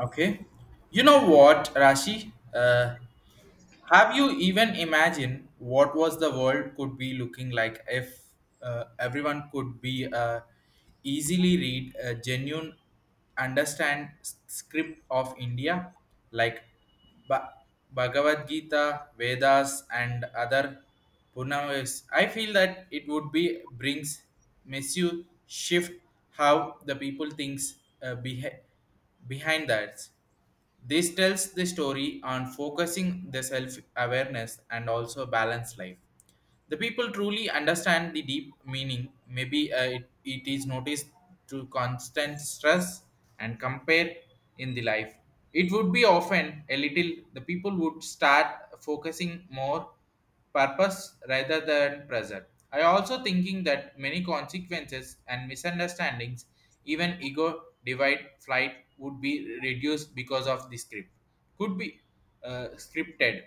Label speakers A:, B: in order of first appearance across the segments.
A: Okay. You know what, Rashi? Have you even imagined what was the world could be looking like if everyone could be easily read a genuine understand script of India like ba- Bhagavad Gita, Vedas and other Punavis? I feel that it would be brings massive shift how the people thinks, uh, behi- behind that. This tells the story on focusing the self awareness and also balanced life. The people truly understand the deep meaning. Maybe it is noticed to constant stress and compare in the life. It would be often a little, the people would start focusing more purpose rather than present. I also thinking that many consequences and misunderstandings, even ego divide flight would be reduced because of the script. Could be scripted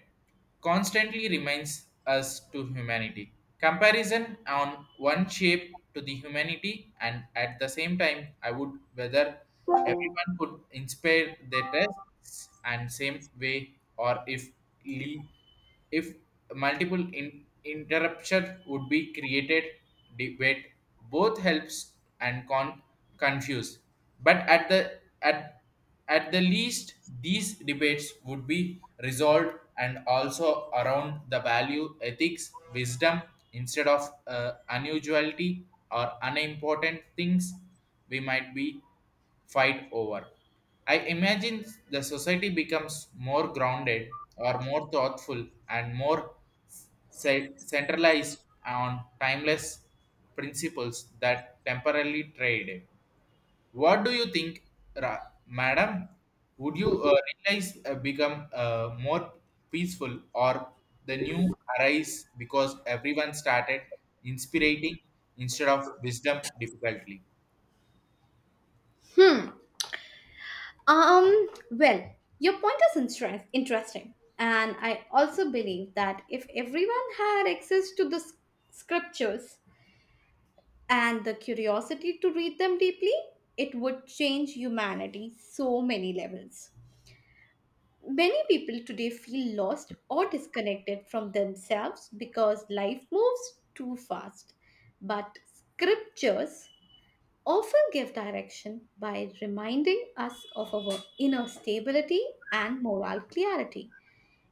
A: constantly reminds us to humanity. Comparison on one shape to the humanity, and at the same time, I would whether everyone could inspire their tests and same way, or if multiple interruption would be created, debate both helps and con confuse. But at the least, these debates would be resolved and also around the value, ethics, wisdom instead of unusuality or unimportant things we might be fight over. I imagine the society becomes more grounded or more thoughtful and more centralized on timeless principles that temporarily trade. What do you think, madam? Would you realize become more peaceful or the new arise because everyone started inspirating instead of wisdom difficultly?
B: Hmm. Um. Well, your point is interesting, and I also believe that if everyone had access to the scriptures and the curiosity to read them deeply, it would change humanity so many levels. Many people today feel lost or disconnected from themselves because life moves too fast. But scriptures often give direction by reminding us of our inner stability and moral clarity.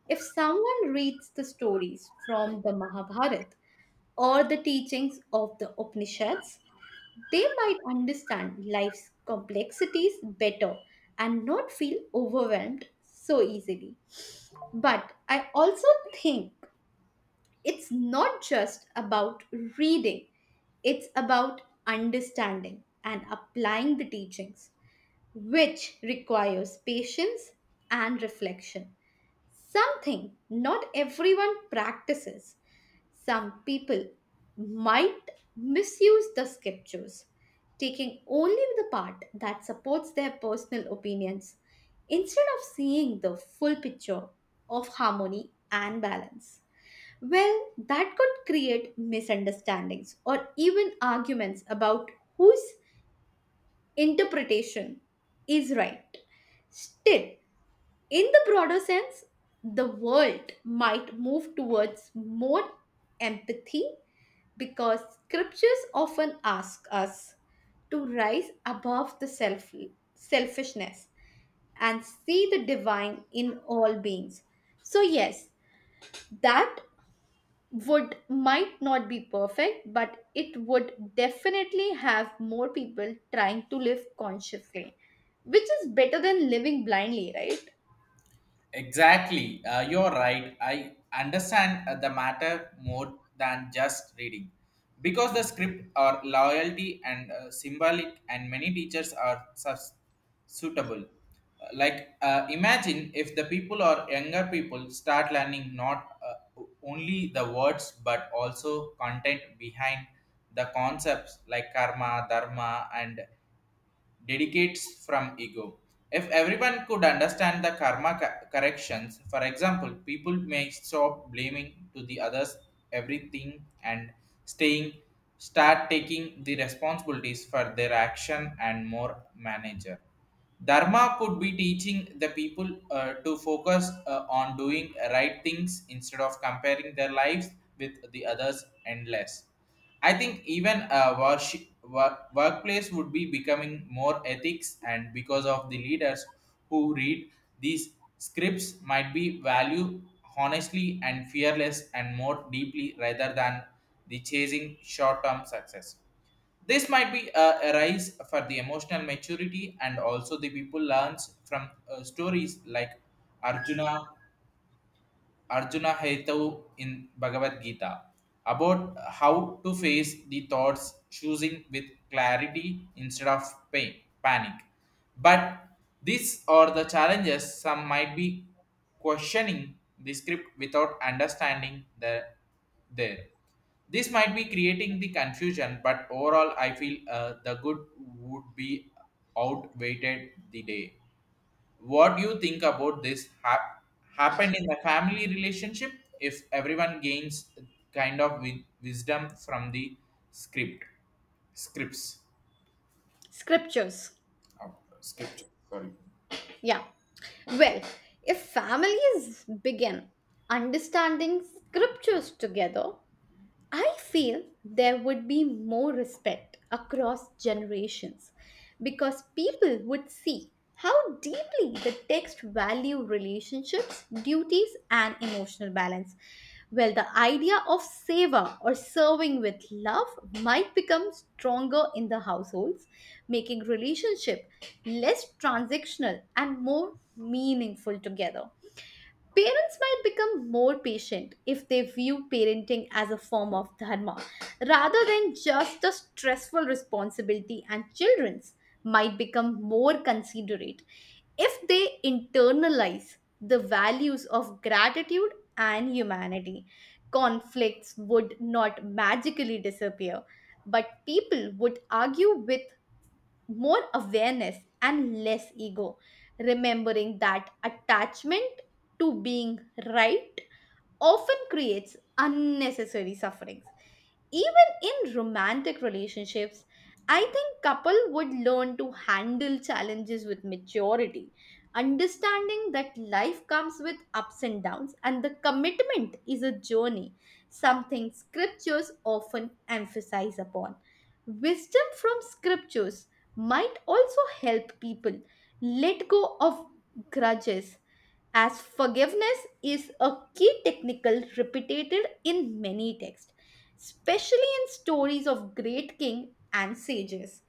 B: If someone reads the stories from the Mahabharata or the teachings of the Upanishads, they might understand life's complexities better and not feel overwhelmed so easily. But I also think it's not just about reading, it's about understanding and applying the teachings which requires patience and reflection. Something not everyone practices. Some people might misuse the scriptures, taking only the part that supports their personal opinions instead of seeing the full picture of harmony and balance. Well, that could create misunderstandings or even arguments about whose interpretation is right. Still, in the broader sense, the world might move towards more empathy because scriptures often ask us to rise above the self selfishness and see the divine in all beings. So yes, that would might not be perfect, but it would definitely have more people trying to live consciously, which is better than living blindly, right?
A: Exactly, you're right. I understand the matter more than just reading. Because the script are loyalty and symbolic, and many teachers are suitable. Like, imagine if the people or younger people start learning not only the words but also content behind the concepts like karma, dharma, and dedicates from ego. If everyone could understand the karma corrections, for example, people may stop blaming to the others everything and staying start taking the responsibilities for their action and more manager. Dharma could be teaching the people to focus on doing right things instead of comparing their lives with the others endless. I think even a worship, work, workplace would be becoming more ethics, and because of the leaders who read these scripts, might be value honestly and fearless and more deeply rather than the chasing short-term success. This might be a rise for the emotional maturity, and also the people learns from stories like Arjuna Arjuna Haitau in Bhagavad Gita about how to face the thoughts, choosing with clarity instead of pain, panic. But these are the challenges some might be questioning the script without understanding the there. This might be creating the confusion, but overall, I feel the good would be outweighed the day. What do you think about this happened in the family relationship if everyone gains kind of wisdom from the script scripts.
B: Scriptures.
A: Scripture. Sorry.
B: Yeah. Well, if families begin understanding scriptures together, I feel there would be more respect across generations because people would see how deeply the text value relationships, duties and emotional balance. Well, the idea of seva or serving with love might become stronger in the households, making relationship less transactional and more meaningful together. Parents might become more patient if they view parenting as a form of dharma rather than just a stressful responsibility, and children's might become more considerate if they internalize the values of gratitude and humanity. Conflicts would not magically disappear, but people would argue with more awareness and less ego remembering that attachment to being right often creates unnecessary sufferings. Even in romantic relationships, I think couple would learn to handle challenges with maturity, understanding that life comes with ups and downs and the commitment is a journey, something scriptures often emphasize upon. Wisdom from scriptures might also help people let go of grudges as forgiveness is a key technical repeated in many texts, especially in stories of great king and sages.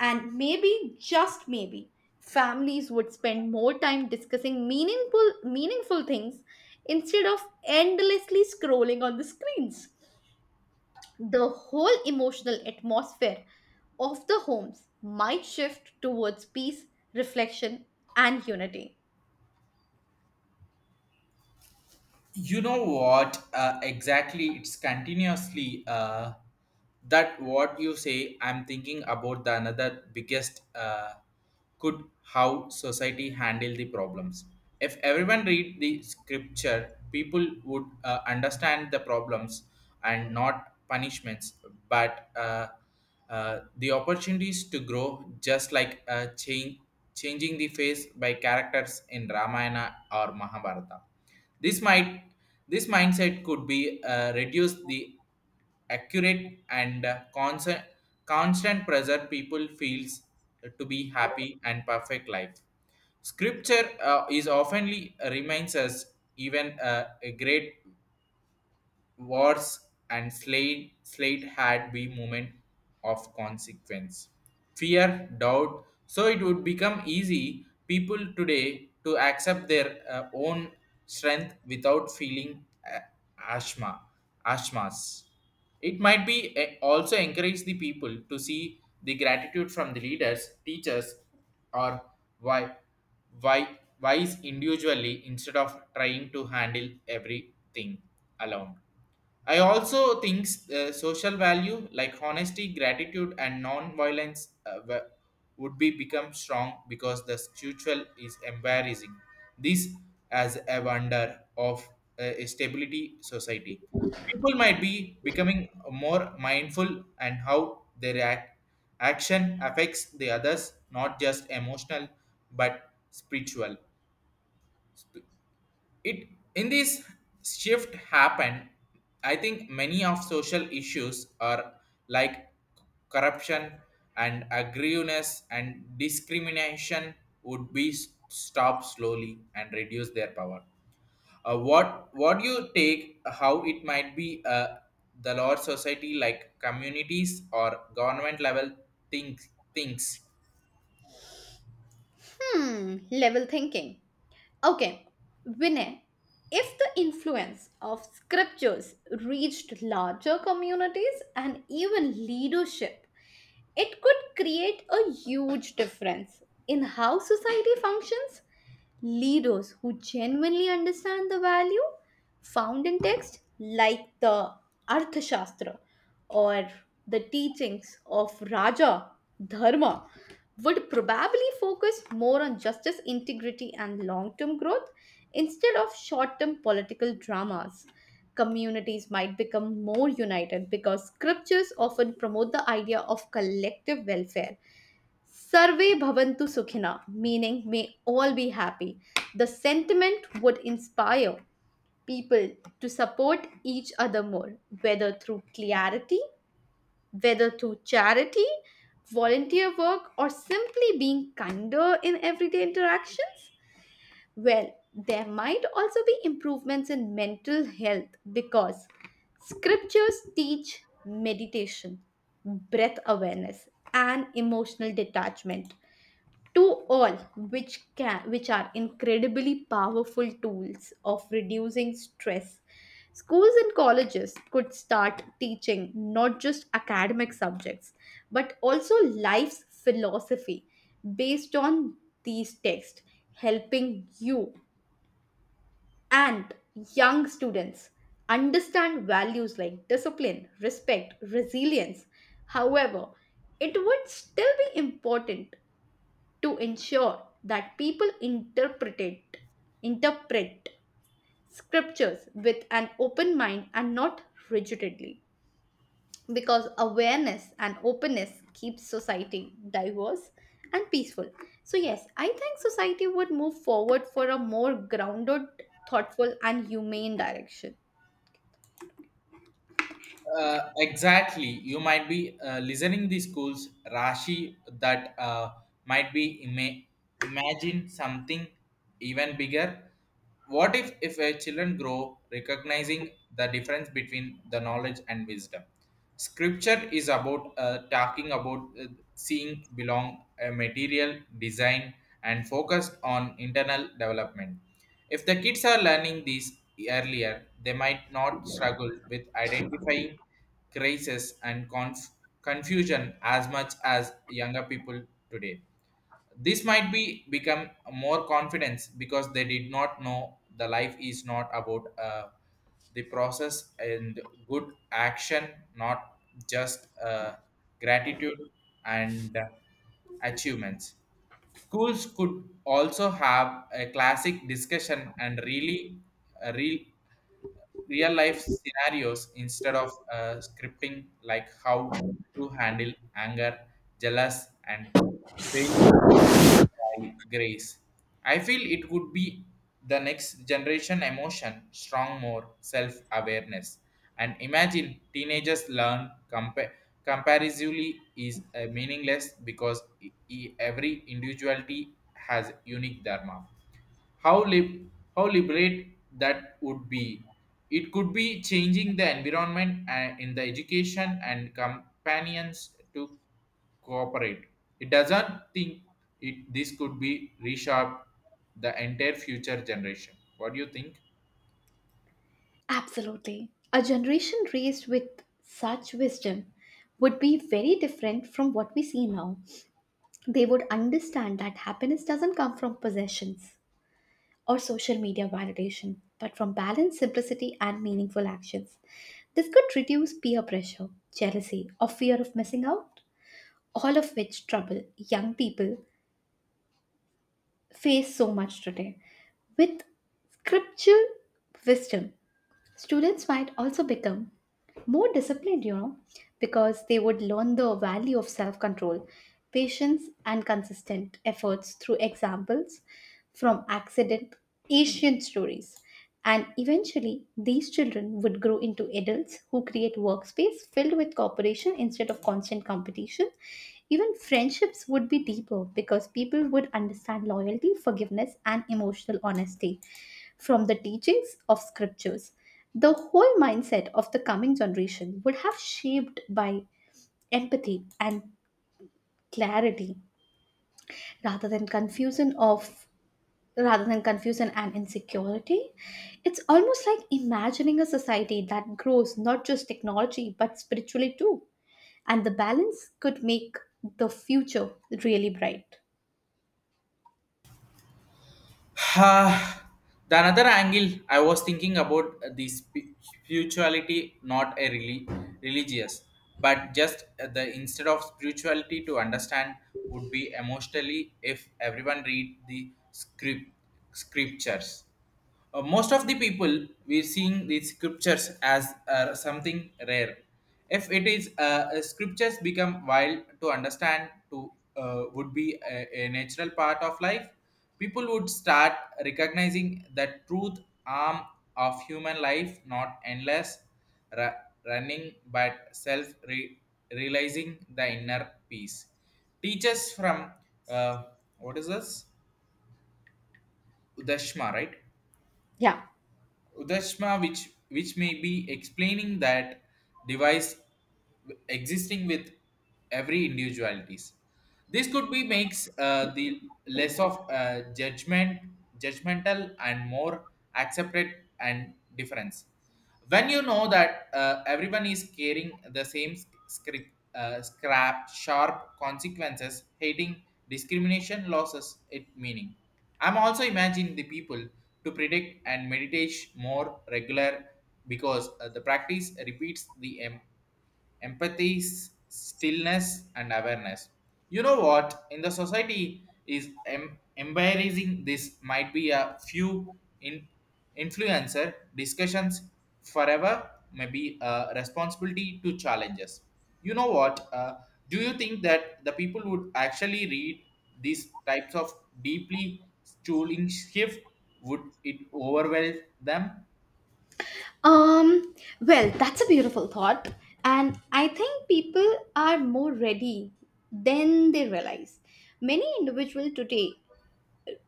B: And maybe, just maybe, families would spend more time discussing meaningful things instead of endlessly scrolling on the screens. The whole emotional atmosphere of the homes might shift towards peace, reflection, and unity.
A: You know what exactly it's continuously, that what you say I'm thinking about the another biggest, could how society handle the problems if everyone read the scripture people would understand the problems and not punishments but the opportunities to grow just like changing the face by characters in Ramayana or Mahabharata. This might this mindset could be reduce the accurate and constant pressure people feels to be happy and perfect life. Scripture is oftenly reminds us even a great wars and slate had been moment of consequence. Fear, doubt, so it would become easy people today to accept their own strength without feeling ashma, ashmas. It might be also encourage the people to see the gratitude from the leaders, teachers, or why why wise individually instead of trying to handle everything alone. I also think social value like honesty, gratitude, and non-violence would be become strong because the spiritual is embarrassing. This as a wonder of a stability society. People might be becoming more mindful and how their action affects the others, not just emotional but spiritual it in this shift happened. I think many of social issues are like corruption and aggressiveness and discrimination would be stopped slowly and reduce their power. What do you take how it might be, the large society like communities or government level think thinks.
B: Hmm, level thinking. Okay, Vinay, if the influence of scriptures reached larger communities and even leadership, it could create a huge difference in how society functions. Leaders who genuinely understand the value found in text, like the Arthashastra or the teachings of Raja Dharma, would probably focus more on justice, integrity, and long term growth instead of short term political dramas. Communities might become more united because scriptures often promote the idea of collective welfare. Sarve bhavantu sukhina, meaning may all be happy. The sentiment would inspire people to support each other more, whether through clarity whether through charity, volunteer work, or simply being kinder in everyday interactions. Well, there might also be improvements in mental health because scriptures teach meditation, breath awareness, and emotional detachment to all which are incredibly powerful tools of reducing stress. Schools and colleges could start teaching not just academic subjects but also life's philosophy based on these texts, helping you and young students understand values like discipline respect resilience. However, it would still be important to ensure that people interpret scriptures with an open mind and not rigidly because awareness and openness keeps society diverse and peaceful. So yes, I think society would move forward for a more grounded, thoughtful and humane direction.
A: Exactly. You might be listening the schools Rashi that might be ima- imagine something even bigger. What if a children grow recognizing the difference between the knowledge and wisdom? Scripture is about talking about, seeing belong a material design and focused on internal development. If the kids are learning these earlier, they might not struggle with identifying crisis and confusion as much as younger people today. This might be become more confidence because they did not know the life is not about the process and good action, not just gratitude and achievements. Schools could also have a classic discussion and really, uh, real real life scenarios instead of scripting like how to handle anger jealous and failure by grace. I feel it would be the next generation emotion strong more self awareness and imagine teenagers learn comparatively is meaningless because every individuality has unique dharma. How lib- how liberate that would be. It could be changing the environment in the education and companions to cooperate. It doesn't think it this could be reshape the entire future generation. What do you think?
B: Absolutely. A generation raised with such wisdom would be very different from what we see now. They would understand that happiness doesn't come from possessions or social media validation, but from balance, simplicity, and meaningful actions. This could reduce peer pressure, jealousy, or fear of missing out, all of which trouble young people face so much today. With scriptural wisdom, students might also become more disciplined, because they would learn the value of self control, patience, and consistent efforts through examples from accident, Asian stories. And eventually, these children would grow into adults who create workspace filled with cooperation instead of constant competition. Even friendships would be deeper because people would understand loyalty, forgiveness, and emotional honesty from the teachings of scriptures. The whole mindset of the coming generation would have shaped by empathy and clarity rather than confusion of rather than confusion and insecurity. It's almost like imagining a society that grows not just technology but spiritually too. And the balance could make the future really bright.
A: Ah, the another angle I was thinking about, spirituality, not a really religious, but just the instead of spirituality to understand would be emotionally if everyone read the scriptures. Most of the people we're seeing these scriptures as something rare. If it is scriptures become wild to understand to would be a natural part of life, people would start recognizing that truth arm of human life not endless ra- running but self realizing the inner peace. Teachers from uh, what is this? Udashma, right?
B: Yeah.
A: Udashma, which may be explaining that device existing with every individualities. This could be makes the less of judgmental, and more accepted and difference when you know that everyone is carrying the same sc- script scrap sharp consequences hating discrimination losses it meaning. I'm also imagining the people to predict and meditate more regular because the practice repeats the empathy, stillness, and awareness. You know what? In the society is embarrassing. This might be a few in influencer discussions forever. Maybe a responsibility to challenges. You know what? Do you think that the people would actually read these types of deeply stooling shift? Would it overwhelm them?
B: Um, well, that's a beautiful thought. And I think people are more ready than they realize. Many individuals today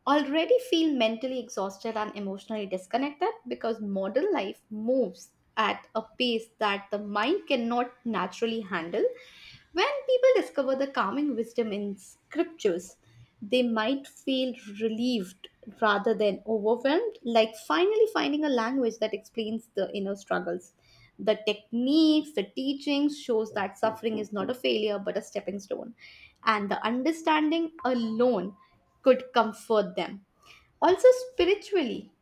B: already feel mentally exhausted and emotionally disconnected because modern life moves at a pace that the mind cannot naturally handle. When people discover the calming wisdom in scriptures, they might feel relieved rather than overwhelmed, like finally finding a language that explains the inner struggles. The techniques, the teachings shows that suffering is not a failure but a stepping stone. And the understanding alone could comfort them. Also, spiritually,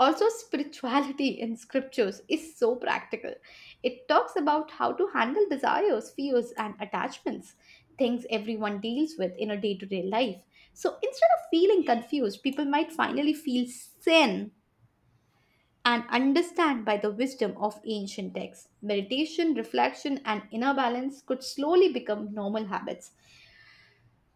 B: also spirituality in scriptures is so practical. It talks about how to handle desires, fears, and attachments, things everyone deals with in a day to day life. So instead of feeling confused, people might finally feel sane and understand by the wisdom of ancient texts. Meditation, reflection, and inner balance could slowly become normal habits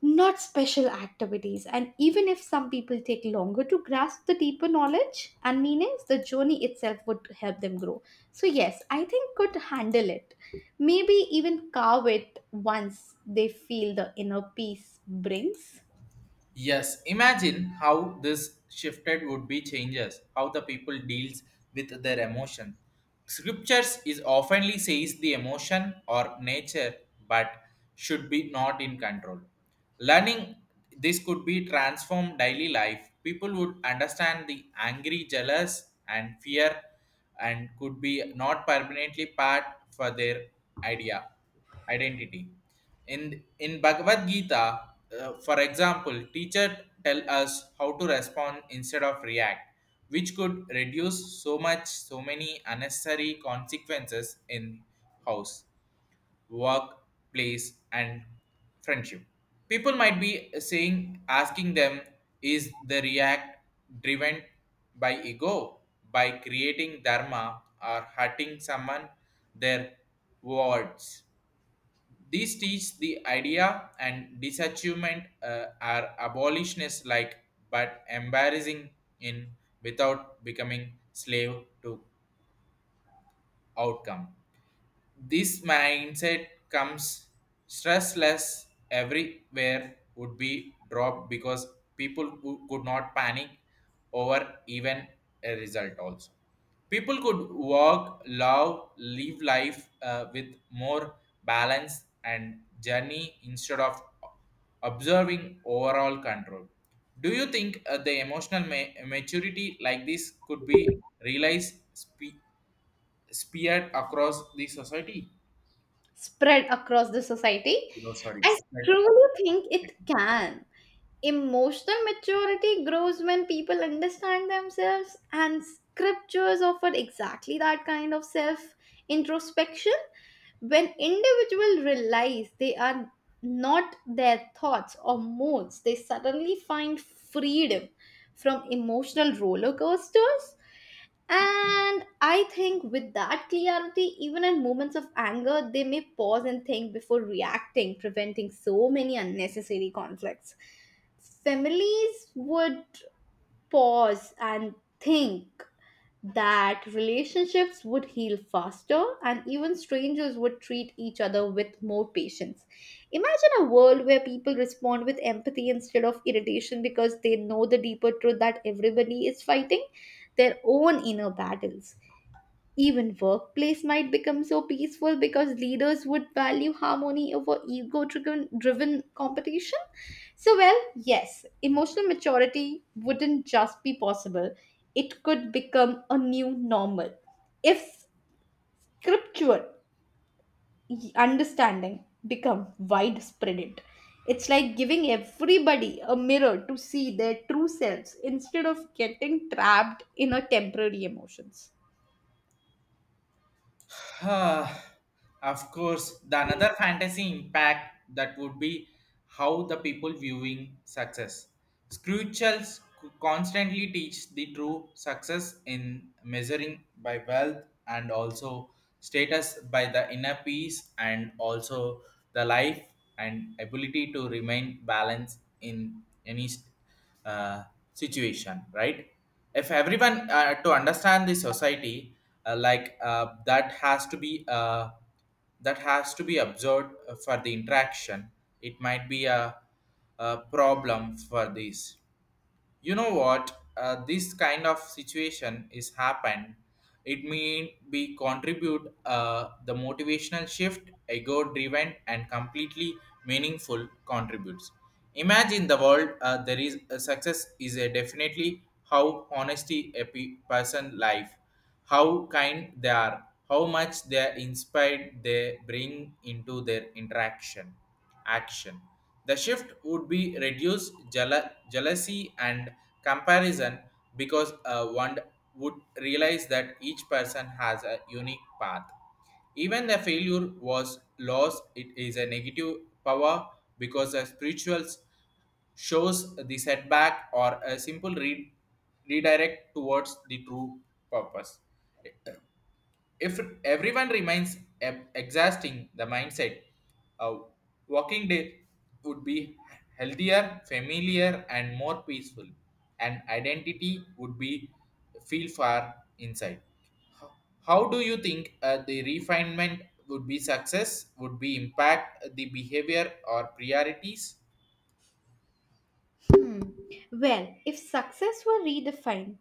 B: not special activities. And even if some people take longer to grasp the deeper knowledge and meanings, the journey itself would help them grow. So, yes, I think could handle it. Maybe even carve it once they feel the inner peace brings
A: Yes, imagine how this shifted would be changes, how the people deals with their emotion. Scriptures is oftenly says the emotion or nature but should be not in control. Learning this could be transform daily life. People would understand the angry, jealous and fear and could be not permanently part for their idea identity. In Bhagavad Gita, for example, teacher tell us how to respond instead of react, which could reduce so many unnecessary consequences in house, work, place, and friendship. People might be saying asking them is the react driven by ego by creating dharma or hurting someone their words these teach the idea and disachievement are abolitionists like but embarrassing in without becoming slave to outcome. This mindset comes stressless everywhere would be dropped because people who could not panic over even a result also. People could work, love, live life with more balance and journey instead of observing overall control. Do you think the emotional maturity like this could be realized speared across the society?
B: spread across the society.
A: You know, sorry,
B: I
A: spread across
B: truly
A: the
B: think it
A: society.
B: can. Emotional maturity grows when people understand themselves, and scriptures offer exactly that kind of self introspection. When individuals realize they are not their thoughts or moods, they suddenly find freedom from emotional roller coasters. And I think with that clarity, even in moments of anger, they may pause and think before reacting, preventing so many unnecessary conflicts. Families would pause and think that relationships would heal faster and even strangers would treat each other with more patience. Imagine a world where people respond with empathy instead of irritation because they know the deeper truth that everybody is fighting their own inner battles. Even workplace might become so peaceful because leaders would value harmony over ego driven competition. So, well, yes, emotional maturity wouldn't just be possible, it could become a new normal if scriptural understanding become widespread. It's like giving everybody a mirror to see their true selves instead of getting trapped in a temporary emotions.
A: Ah, of course, the another fantasy impact that would be how the people viewing success. Screwchels constantly teach the true success in measuring by wealth and also status by the inner peace and also the life and ability to remain balanced in any state uh, situation right if everyone to understand the society that has to be that has to be observed for the interaction it might be a problem for this. You know what this kind of situation is happened it may be contribute the motivational shift ego driven and completely meaningful contributes. Imagine the world there is a success is a definitely how honesty a person life how kind they are, how much they are inspired they bring into their action. The shift would be reduce jealousy and comparison because one would realize that each person has a unique path. Even the failure was loss, it is a negative power because the spirituals shows the setback or a simple redirect towards the true purpose. If everyone remains exhausting the mindset, a walking day would be healthier, familiar, and more peaceful, and identity would be feel far inside. How do you think the refinement would be success? Would be impact the behavior or priorities?
B: Well, if success were redefined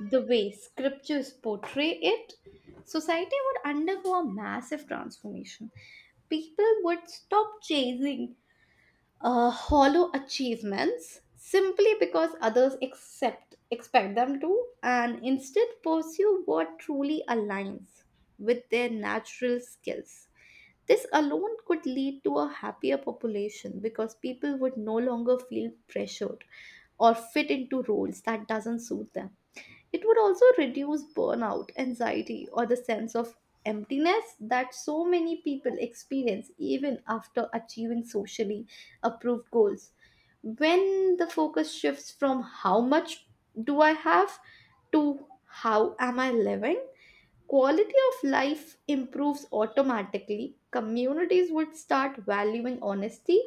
B: the way scriptures portray it, society would undergo a massive transformation. People would stop chasing hollow achievements simply because others accept, expect them to and instead pursue what truly aligns with their natural skills. This alone could lead to a happier population because people would no longer feel pressured or fit into roles that doesn't suit them. It would also reduce burnout, anxiety, or the sense of emptiness that so many people experience even after achieving socially approved goals. When the focus shifts from how much do I have to how am I living, quality of life improves automatically. Communities would start valuing honesty,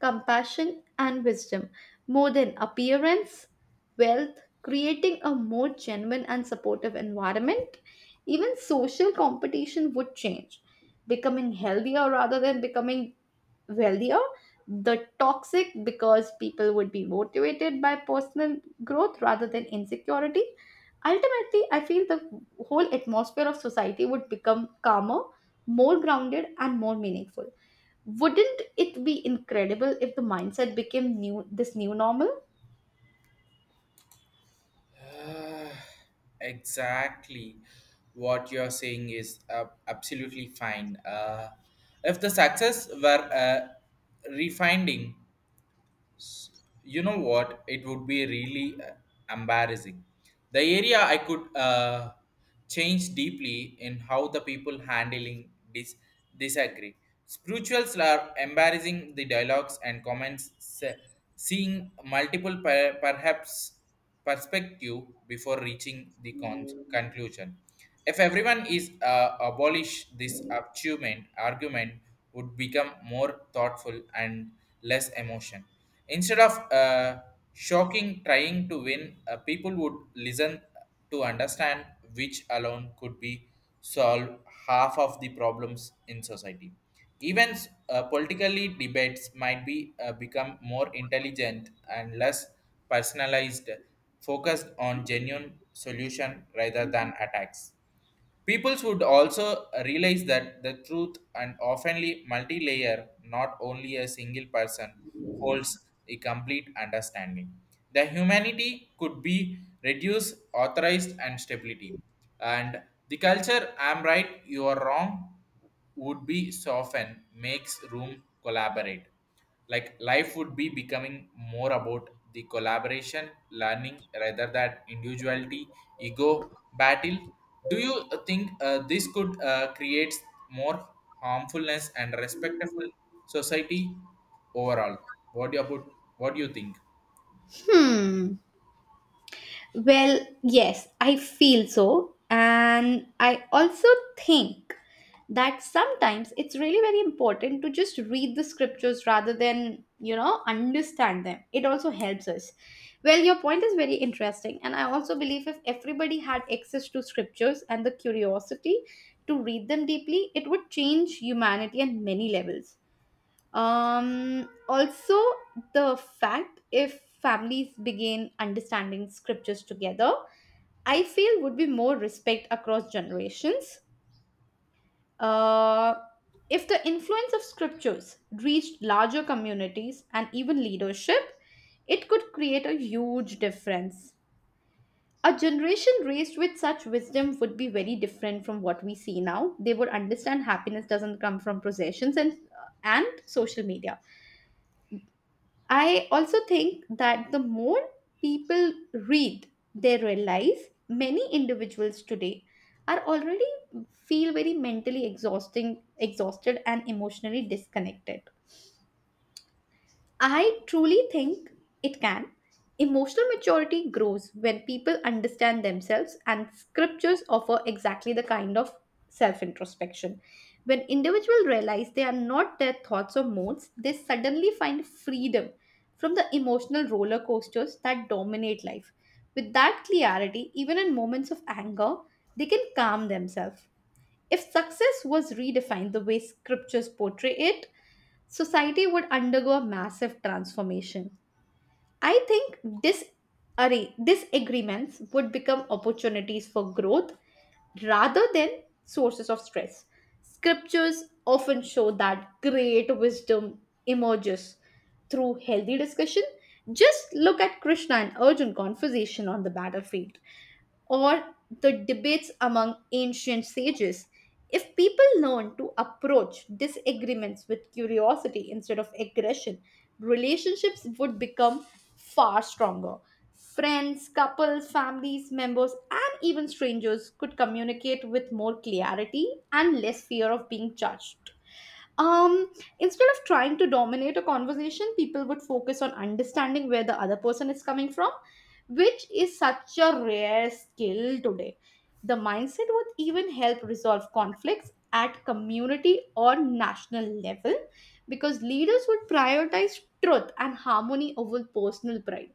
B: compassion, and wisdom more than appearance, wealth, creating a more genuine and supportive environment. Even social competition would change, becoming healthier rather than becoming wealthier, the toxic because people would be motivated by personal growth rather than insecurity. Ultimately, I feel the whole atmosphere of society would become calmer, more grounded, and more meaningful. Wouldn't it be incredible if the mindset became new this new normal?
A: Uh, exactly what you're saying is absolutely fine. If the success were refining, you know what? It would be really embarrassing. The area I could change deeply in how the people handling disagree. Spirituals are embarrassing the dialogues and comments, seeing multiple per- perhaps perspective before reaching the conclusion. If everyone is abolish this achievement, argument would become more thoughtful and less emotion. Instead of shocking trying to win, people would listen to understand which alone could be solve half of the problems in society. Even politically debates might be become more intelligent and less personalized, focused on genuine solution rather than attacks. Peoples would also realize that the truth and oftenly multi-layer, not only a single person, holds a complete understanding. The humanity could be reduced, authorized, and stability. And the culture, I'm right, you are wrong, would be soften makes room collaborate like life would be becoming more about the collaboration learning rather than individuality ego battle. Do you think this could create more harmfulness and respectful society overall. what do you about, what do you think?
B: Hmm. Well, yes, I feel so. And I also think that sometimes it's really very important to just read the scriptures rather than, understand them. It also helps us. Well, your point is very interesting. And I also believe if everybody had access to scriptures and the curiosity to read them deeply, it would change humanity on many levels. Also, the fact if families begin understanding scriptures together, I feel would be more respect across generations. Uh, if the influence of scriptures reached larger communities and even leadership, it could create a huge difference. A generation raised with such wisdom would be very different from what we see now. They would understand happiness doesn't come from possessions and social media. I also think that the more people read, they realize many individuals today are already feel very mentally exhausting exhausted and emotionally disconnected. I truly think it can. Emotional maturity grows when people understand themselves, and scriptures offer exactly the kind of self introspection. When individuals realize they are not their thoughts or moods, they suddenly find freedom from the emotional roller coasters that dominate life. With that clarity, even in moments of anger, they can calm themselves. If success was redefined the way scriptures portray it, society would undergo a massive transformation. I think this array, disagreements would become opportunities for growth rather than sources of stress. Scriptures often show that great wisdom emerges through healthy discussion. Just look at Krishna and Arjun conversation on the battlefield or the debates among ancient sages. If people learn to approach disagreements with curiosity instead of aggression, relationships would become far stronger. Friends, couples, families, members, and even strangers could communicate with more clarity and less fear of being judged. um Instead of trying to dominate a conversation, people would focus on understanding where the other person is coming from, which is such a rare skill today. The mindset would even help resolve conflicts at community or national level because leaders would prioritize truth and harmony over personal pride.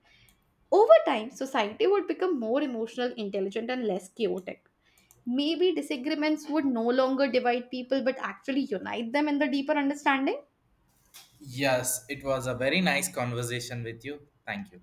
B: Over time, society would become more emotional intelligent and less chaotic. Maybe disagreements would no longer divide people but actually unite them in the deeper understanding.
A: Yes, it was a very nice conversation with you. Thank you.